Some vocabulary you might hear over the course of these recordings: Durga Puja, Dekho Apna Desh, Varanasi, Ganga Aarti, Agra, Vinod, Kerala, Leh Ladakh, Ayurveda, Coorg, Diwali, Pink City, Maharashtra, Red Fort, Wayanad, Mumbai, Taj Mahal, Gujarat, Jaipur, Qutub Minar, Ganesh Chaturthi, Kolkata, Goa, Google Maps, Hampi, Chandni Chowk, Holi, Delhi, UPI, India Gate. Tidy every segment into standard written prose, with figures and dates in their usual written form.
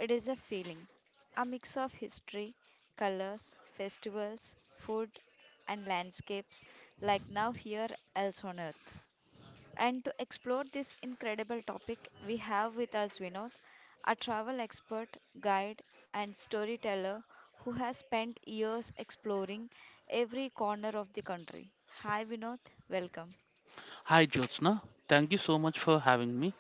it is a feeling, a mix of history, colors, festivals, food, and landscapes like now here else on earth. And to explore this incredible topic, we have with us Vinod, a travel expert, guide, and storyteller who has spent years exploring every corner of the country. Hi, Vinod. Welcome. Hi Jyotsna, thank you so much for having me.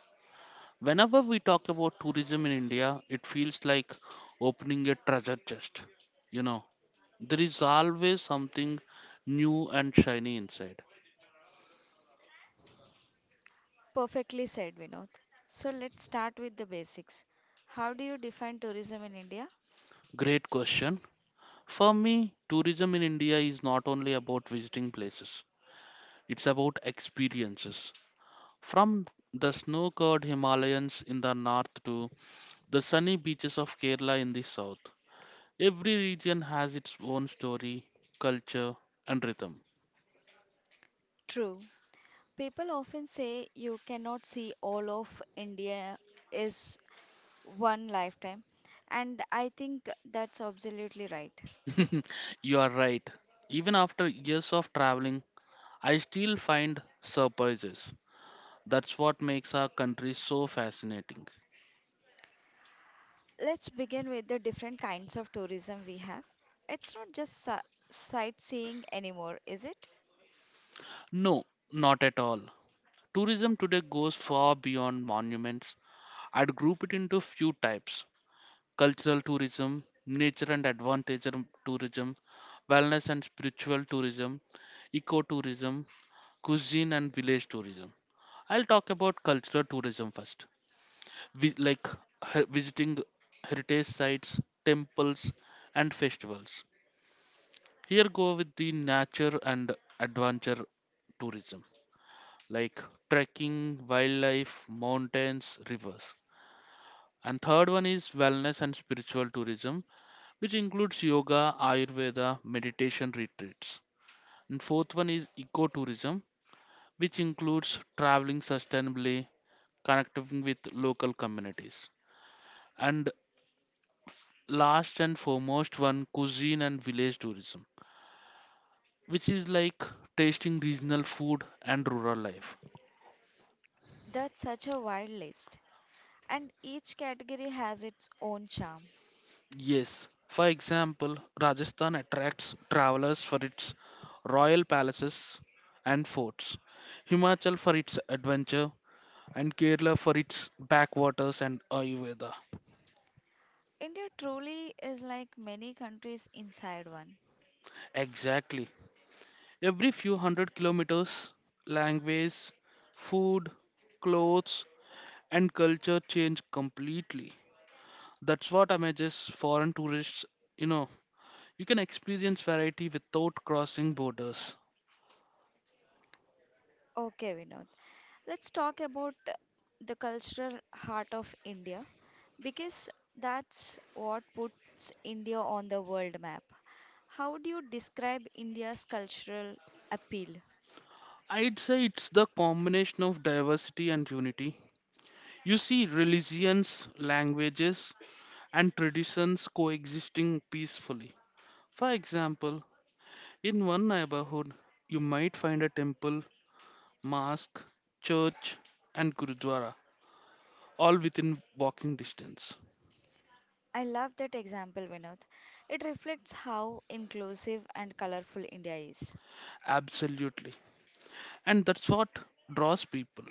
Whenever we talk about tourism in India, it feels like opening a treasure chest. You know, there is always something new and shiny inside. Perfectly said, Vinod. So let's start with the basics. How do you define tourism in India? Great question. For me, tourism in India is not only about visiting places, it's about experiences. From the snow covered Himalayas in the north to the sunny beaches of Kerala in the south, every region has its own story, culture, and rhythm. True. People often say you cannot see all of India is one lifetime, and I think that's absolutely right. You are right. Even after years of traveling, I still find surprises. That's what makes our country so fascinating. Let's begin with the different kinds of tourism we have. It's not just sightseeing anymore, is it? No, not at all. Tourism today goes far beyond monuments. I'd group it into few types: cultural tourism, nature and advantage tourism, wellness and spiritual tourism, ecotourism, cuisine and village tourism. I'll talk about cultural tourism first, Vi- like visiting heritage sites, temples, and festivals. Here go with the nature and adventure tourism, like trekking, wildlife, mountains, rivers. And third one is wellness and spiritual tourism, which includes yoga, Ayurveda, meditation retreats. And fourth one is ecotourism, which includes traveling sustainably, connecting with local communities. And last and foremost one, cuisine and village tourism, which is like tasting regional food and rural life. That's such a wide list, and each category has its own charm. Yes, for example, Rajasthan attracts travelers for its royal palaces and forts, Himachal for its adventure, and Kerala for its backwaters and Ayurveda. India truly is like many countries inside one. Exactly. Every few hundred kilometers, language, food, clothes, and culture change completely. That's what amazes foreign tourists. You know, you can experience variety without crossing borders. Okay, Vinod, let's talk about the cultural heart of India because that's what puts India on the world map. How do you describe India's cultural appeal? I'd say it's the combination of diversity and unity. You see religions, languages, and traditions coexisting peacefully. For example, in one neighborhood, you might find a temple, mosque, church, and gurudwara, all within walking distance. I love that example, Vinod. It reflects how inclusive and colorful India is. Absolutely. And that's what draws people.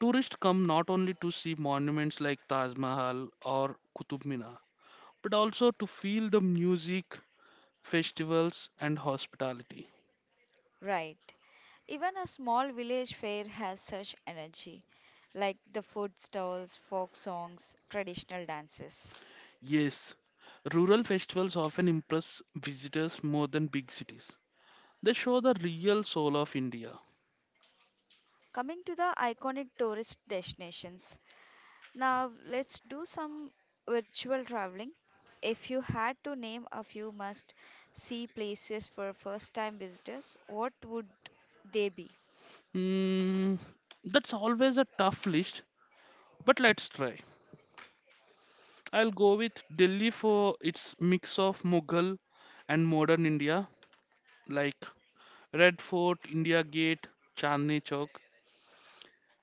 Tourists come not only to see monuments like Taj Mahal or Qutub Minar, but also to feel the music, festivals, and hospitality. Right. Even a small village fair has such energy, like the food stalls, folk songs, traditional dances. Yes, rural festivals often impress visitors more than big cities. They show the real soul of India. Coming to the iconic tourist destinations. Now, let's do some virtual traveling. If you had to name a few must see places for first time visitors, what would they be? Hmm, that's always a tough list, but let's try. I'll go with Delhi for its mix of Mughal and modern India, like Red Fort, India Gate, Chandni Chowk,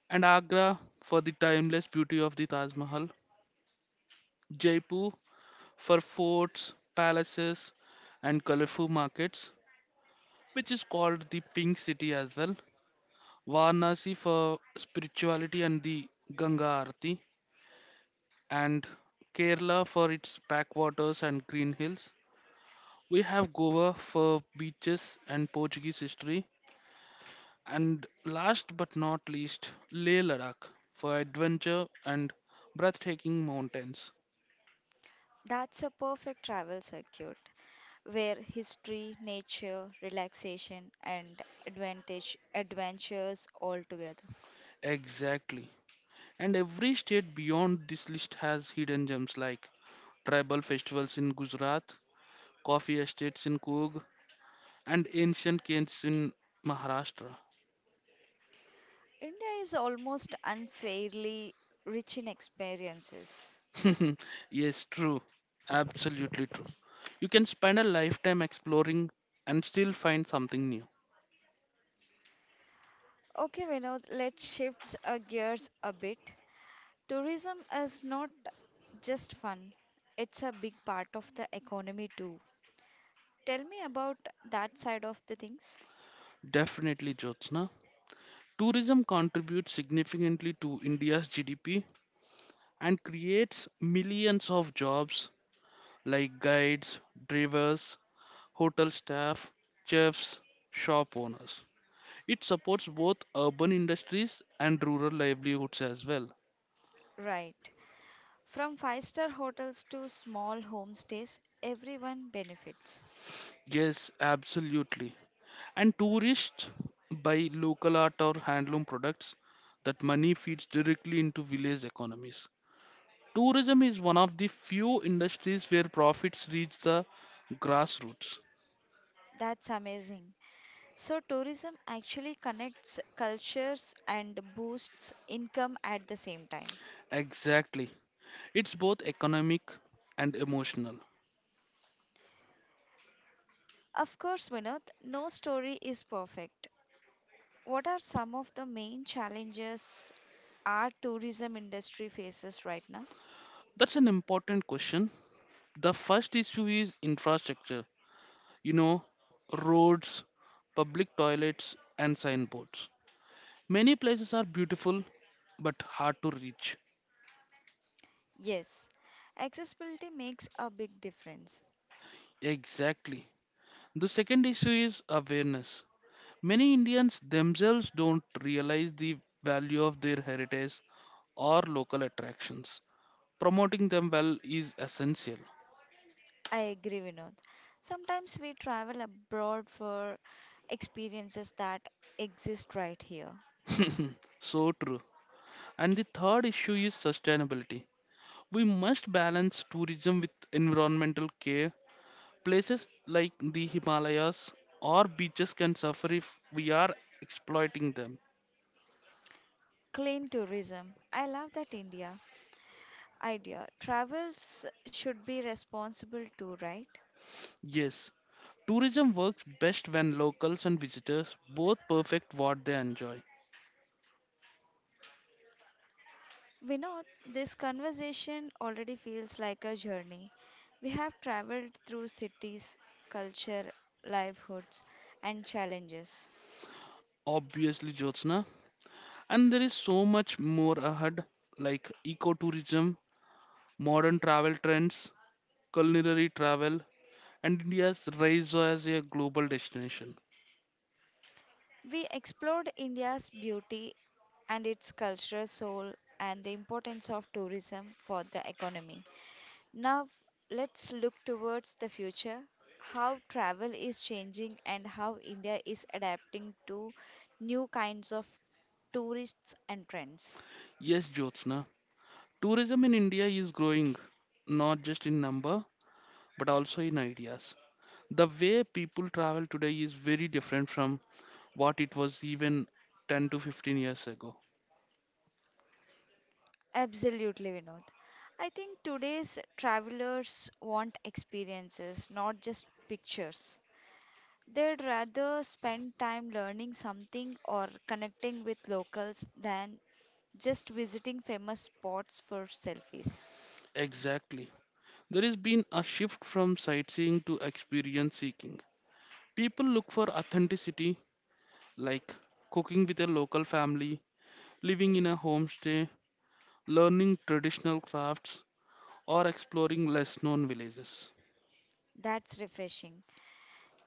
and Agra for the timeless beauty of the Taj Mahal, Jaipur for forts, palaces, and colorful markets, which is called the Pink City as well, Varanasi for spirituality and the Ganga Aarti, and Kerala for its backwaters and green hills. We have Goa for beaches and Portuguese history, and last but not least, Leh Ladakh for adventure and breathtaking mountains. That's a perfect travel circuit, where history, nature, relaxation, and advantage adventures all together. Exactly. And every state beyond this list has hidden gems like tribal festivals in Gujarat, coffee estates in Coorg, and ancient caves in Maharashtra. India is almost unfairly rich in experiences. Yes, true. Absolutely true. You can spend a lifetime exploring and still find something new. Okay, Vinod, let's shift our gears a bit. Tourism is not just fun, it's a big part of the economy too. Tell me about that side of the things. Definitely, Jyotsna. Tourism contributes significantly to India's GDP and creates millions of jobs like guides, drivers, hotel staff, chefs, shop owners. It supports both urban industries and rural livelihoods as well. Right. From five-star hotels to small homestays, everyone benefits. Yes, absolutely. And tourists buy local art or handloom products, that money feeds directly into village economies. Tourism is one of the few industries where profits reach the grassroots. That's amazing. So tourism actually connects cultures and boosts income at the same time. Exactly. It's both economic and emotional. Of course, Vinod, no story is perfect. What are some of the main challenges our tourism industry faces right now? That's an important question. The first issue is infrastructure. You know, roads, public toilets, and signboards. Many places are beautiful but hard to reach. Yes, accessibility makes a big difference. Exactly. The second issue is awareness. Many Indians themselves don't realize the value of their heritage or local attractions. Promoting them well is essential. I agree, Vinod. Sometimes we travel abroad for experiences that exist right here. So true. And the third issue is sustainability. We must balance tourism with environmental care. Places like the Himalayas or beaches can suffer if we are exploiting them. Clean tourism. I love that India idea. Travels should be responsible too, right? Yes, tourism works best when locals and visitors both perfect what they enjoy. Vinod, this conversation already feels like a journey. We have traveled through cities, culture, livelihoods, and challenges. Obviously, Jyotsna. And there is so much more ahead, like ecotourism, modern travel trends, culinary travel, and India's rise as a global destination. We explored India's beauty and its cultural soul and the importance of tourism for the economy. Now, let's look towards the future how travel is changing and how India is adapting to new kinds of tourists and trends. Yes, Jyotsna. Tourism in India is growing, not just in number, but also in ideas. The way people travel today is very different from what it was even 10 to 15 years ago. Absolutely, Vinod. I think today's travelers want experiences, not just pictures. They'd rather spend time learning something or connecting with locals than just visiting famous spots for selfies. Exactly. There has been a shift from sightseeing to experience seeking. People look for authenticity, like cooking with a local family, living in a homestay, learning traditional crafts, or exploring less known villages. That's refreshing.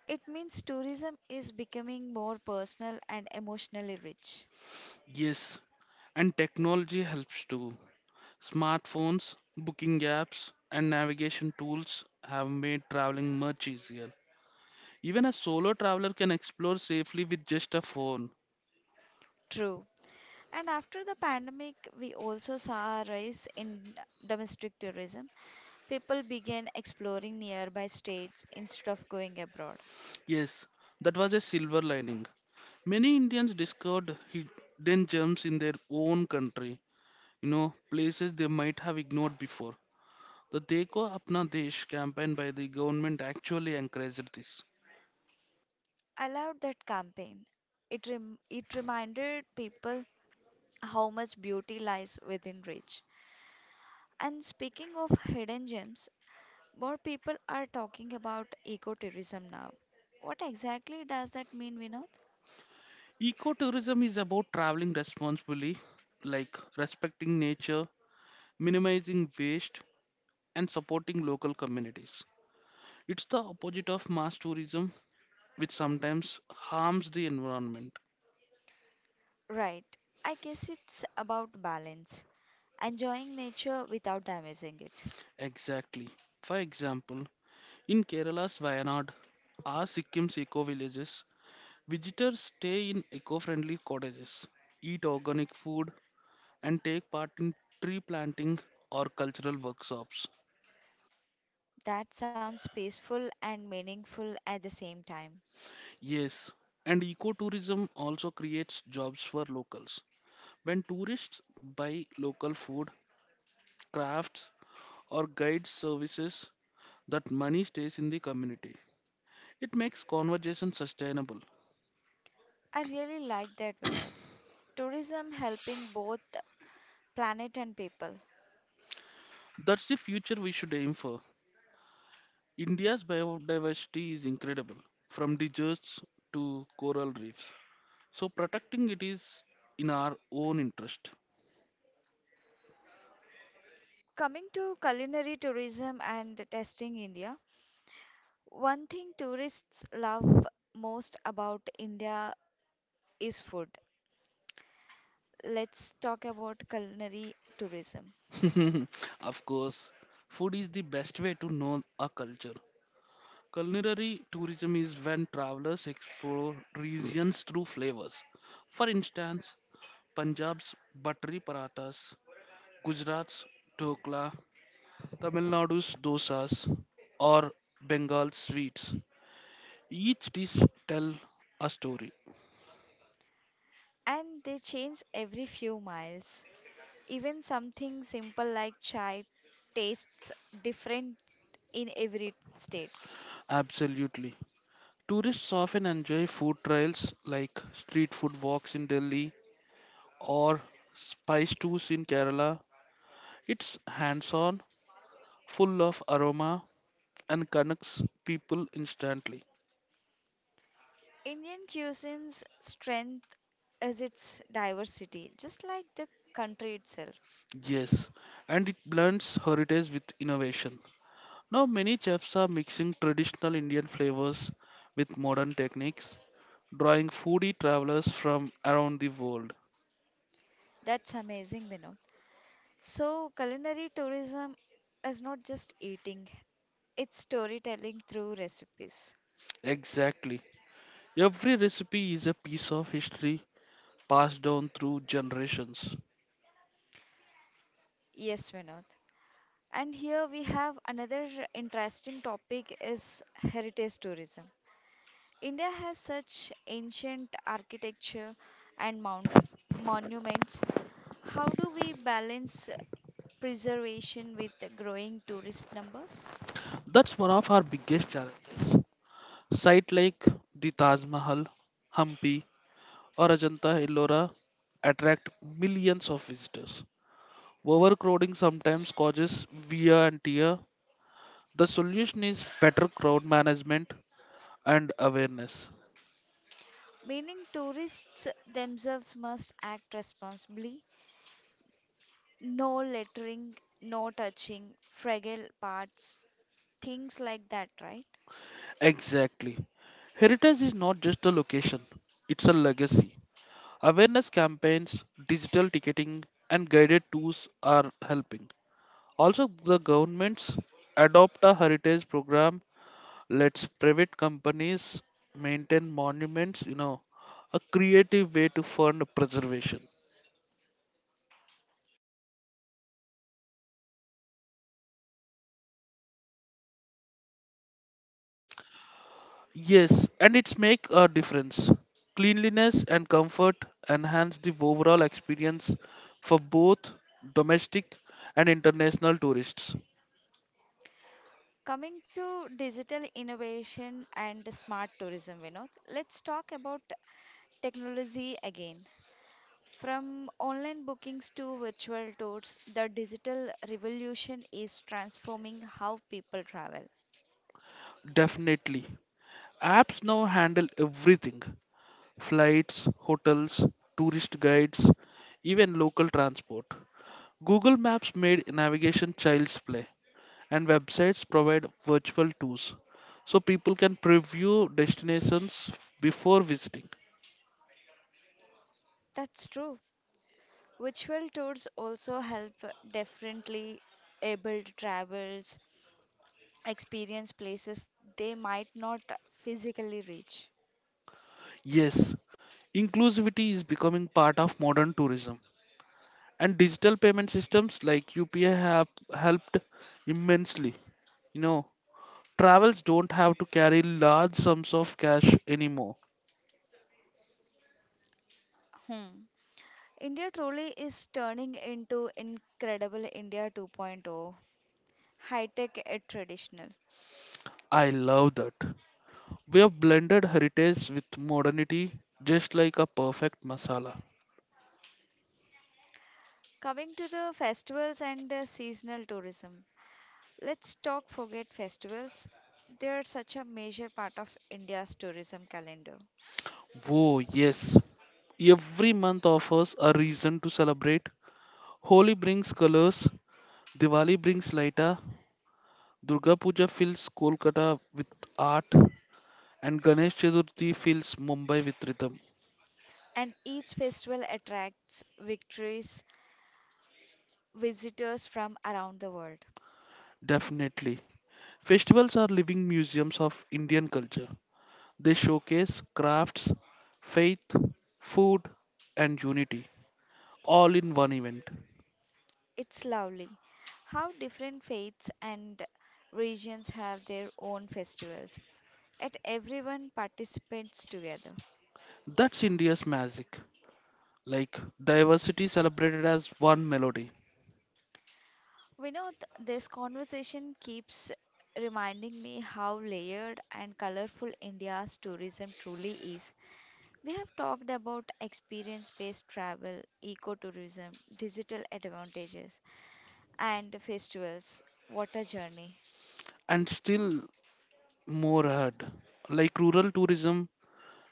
It means tourism is becoming more personal and emotionally rich. Yes, and technology helps too. Smartphones, booking apps, and navigation tools have made traveling much easier. Even a solo traveler can explore safely with just a phone. True. And after the pandemic, we also saw a rise in domestic tourism. People began exploring nearby states instead of going abroad. Yes, that was a silver lining. Many Indians discovered hidden gems in their own country, you know, places they might have ignored before. The Dekho Apna Desh campaign by the government actually encouraged this. I loved that campaign. It reminded people how much beauty lies within reach. And speaking of hidden gems, more people are talking about ecotourism now. What exactly does that mean, Vinod? Ecotourism is about traveling responsibly, like respecting nature, minimizing waste, and supporting local communities. It's the opposite of mass tourism, which sometimes harms the environment. Right. I guess it's about balance, enjoying nature without damaging it. Exactly. For example, in Kerala's Wayanad or Sikkim's eco villages, visitors stay in eco friendly cottages, eat organic food, and take part in tree planting or cultural workshops. That sounds peaceful and meaningful at the same time. Yes, and ecotourism also creates jobs for locals. When tourists buy local food, crafts, or guide services, that money stays in the community. It makes conversation sustainable. I really like that, Vinod, tourism helping both planet and people. That's the future we should aim for. India's biodiversity is incredible, from deserts to coral reefs. So protecting it is in our own interest. Coming to culinary tourism and testing India, one thing tourists love most about India is food. Let's talk about culinary tourism. Of course, food is the best way to know a culture. Culinary tourism is when travelers explore regions through flavors. For instance, Punjab's buttery parathas, Gujarat's dhokla, Tamil Nadu's dosas, or Bengal sweets. Each dish tell a story. And they change every few miles. Even something simple like chai tastes different in every state. Absolutely. Tourists often enjoy food trails like street food walks in Delhi or spice tours in Kerala. It's hands-on, full of aroma, and connects people instantly. Indian cuisine's strength is its diversity, just like the country itself. Yes, and it blends heritage with innovation. Now, many chefs are mixing traditional Indian flavors with modern techniques, drawing foodie travelers from around the world. That's amazing, Vinod. So, culinary tourism is not just eating, it's storytelling through recipes. Exactly. Every recipe is a piece of history passed down through generations. Yes, Vinod. And here we have another interesting topic is heritage tourism. India has such ancient architecture and mount monuments. How do we balance preservation with the growing tourist numbers? That's one of our biggest challenges. Sites like the Taj Mahal, Hampi, or Ajanta Ellora attract millions of visitors. Overcrowding sometimes causes wear and tear. The solution is better crowd management and awareness. Meaning tourists themselves must act responsibly. No littering, no touching, fragile parts, things like that, right? Exactly. Heritage is not just a location, it's a legacy. Awareness campaigns, digital ticketing, and guided tours are helping. Also, the governments adopt a heritage program, lets private companies maintain monuments, you know, a creative way to fund preservation. Yes, and it's make a difference. Cleanliness and comfort enhance the overall experience for both domestic and international tourists. Coming to digital innovation and smart tourism, Vinod, let's talk about technology again. From online bookings to virtual tours, the digital revolution is transforming how people travel. Definitely. Apps now handle everything. Flights, hotels, tourist guides, even local transport. Google Maps made navigation child's play, and websites provide virtual tours so people can preview destinations before visiting. That's true. Virtual tours also help differently abled travelers experience places they might not physically reach. Yes, inclusivity is becoming part of modern tourism, and digital payment systems like UPI have helped immensely. You know, travels don't have to carry large sums of cash anymore. Hmm. India truly is turning into incredible India 2.0, high tech and traditional. I love that. We have blended heritage with modernity just like a perfect masala. Coming to the festivals and seasonal tourism, let's talk forget festivals. They are such a major part of India's tourism calendar. Whoa, yes. Every month offers a reason to celebrate. Holi brings colors, Diwali brings lighter, Durga Puja fills Kolkata with art, and Ganesh Chaturthi fills Mumbai with rhythm. And each festival attracts visitors from around the world. Definitely. Festivals are living museums of Indian culture. They showcase crafts, faith, food, and unity, all in one event. It's lovely how different faiths and regions have their own festivals, yet everyone participates together. That's India's magic. Like diversity celebrated as one melody, Vinod, this conversation keeps reminding me how layered and colorful India's tourism truly is. We have talked about experience based travel, ecotourism, digital advantages, and festivals. What a journey! and still more ahead. Like rural tourism,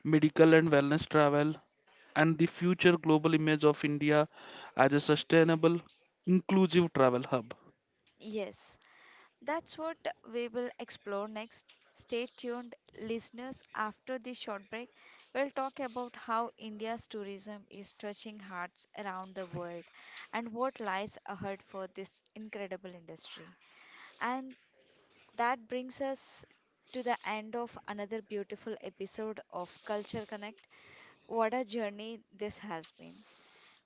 medical and wellness travel, and the future global image of India as a sustainable, inclusive travel hub. Yes, that's what we will explore next. Stay tuned, listeners. After this short break, we'll talk about how India's tourism is touching hearts around the world and what lies ahead for this incredible industry. And that brings us to the end of another beautiful episode of Culture Connect. What a journey this has been!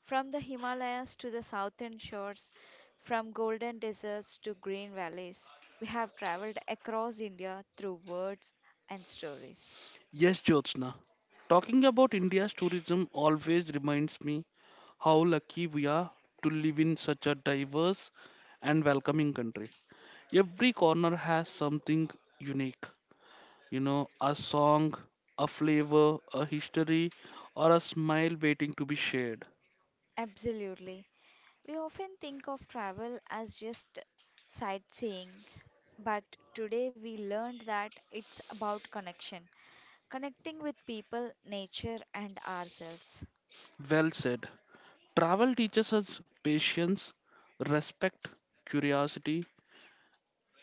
From the Himalayas to the southern shores, from golden deserts to green valleys, we have traveled across India through words and stories. Yes, Jyotsna. Talking about India's tourism always reminds me how lucky we are to live in such a diverse and welcoming country. Every corner has something unique, you know, a song, a flavor, a history, or a smile waiting to be shared. Absolutely. We often think of travel as just sightseeing, but today we learned that it's about connection, connecting with people, nature, and ourselves. Well said. Travel teaches us patience, respect, curiosity,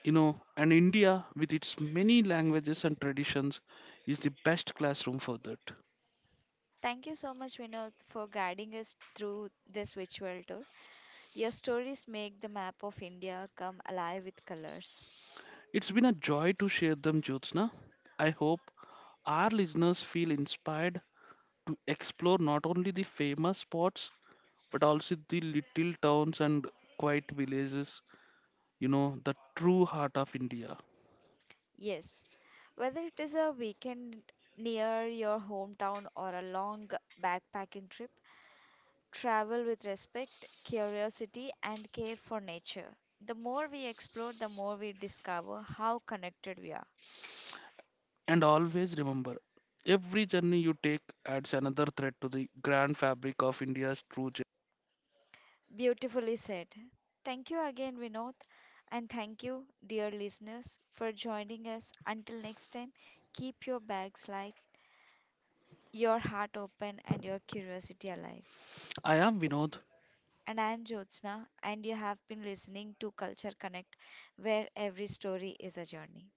you know, and India, with its many languages and traditions, is the best classroom for that. Thank you so much, Vinod, for guiding us through this virtual tour. Your stories make the map of India come alive with colors. It's been a joy to share them, Jyotsna. I hope our listeners feel inspired to explore not only the famous spots but also the little towns and quiet villages, you know, the true heart of India. Yes, whether it is a weekend near your hometown or a long backpacking trip, travel with respect, curiosity, and care for nature. The more we explore, the more we discover how connected we are. And always remember, every journey you take adds another thread to the grand fabric of India's true gem. Beautifully said. Thank you again, Vinod. And thank you, dear listeners, for joining us. Until next time, keep your bags light, your heart open, and your curiosity alive. I am Vinod. And I am Jyotsna, and you have been listening to Culture Connect, where every story is a journey.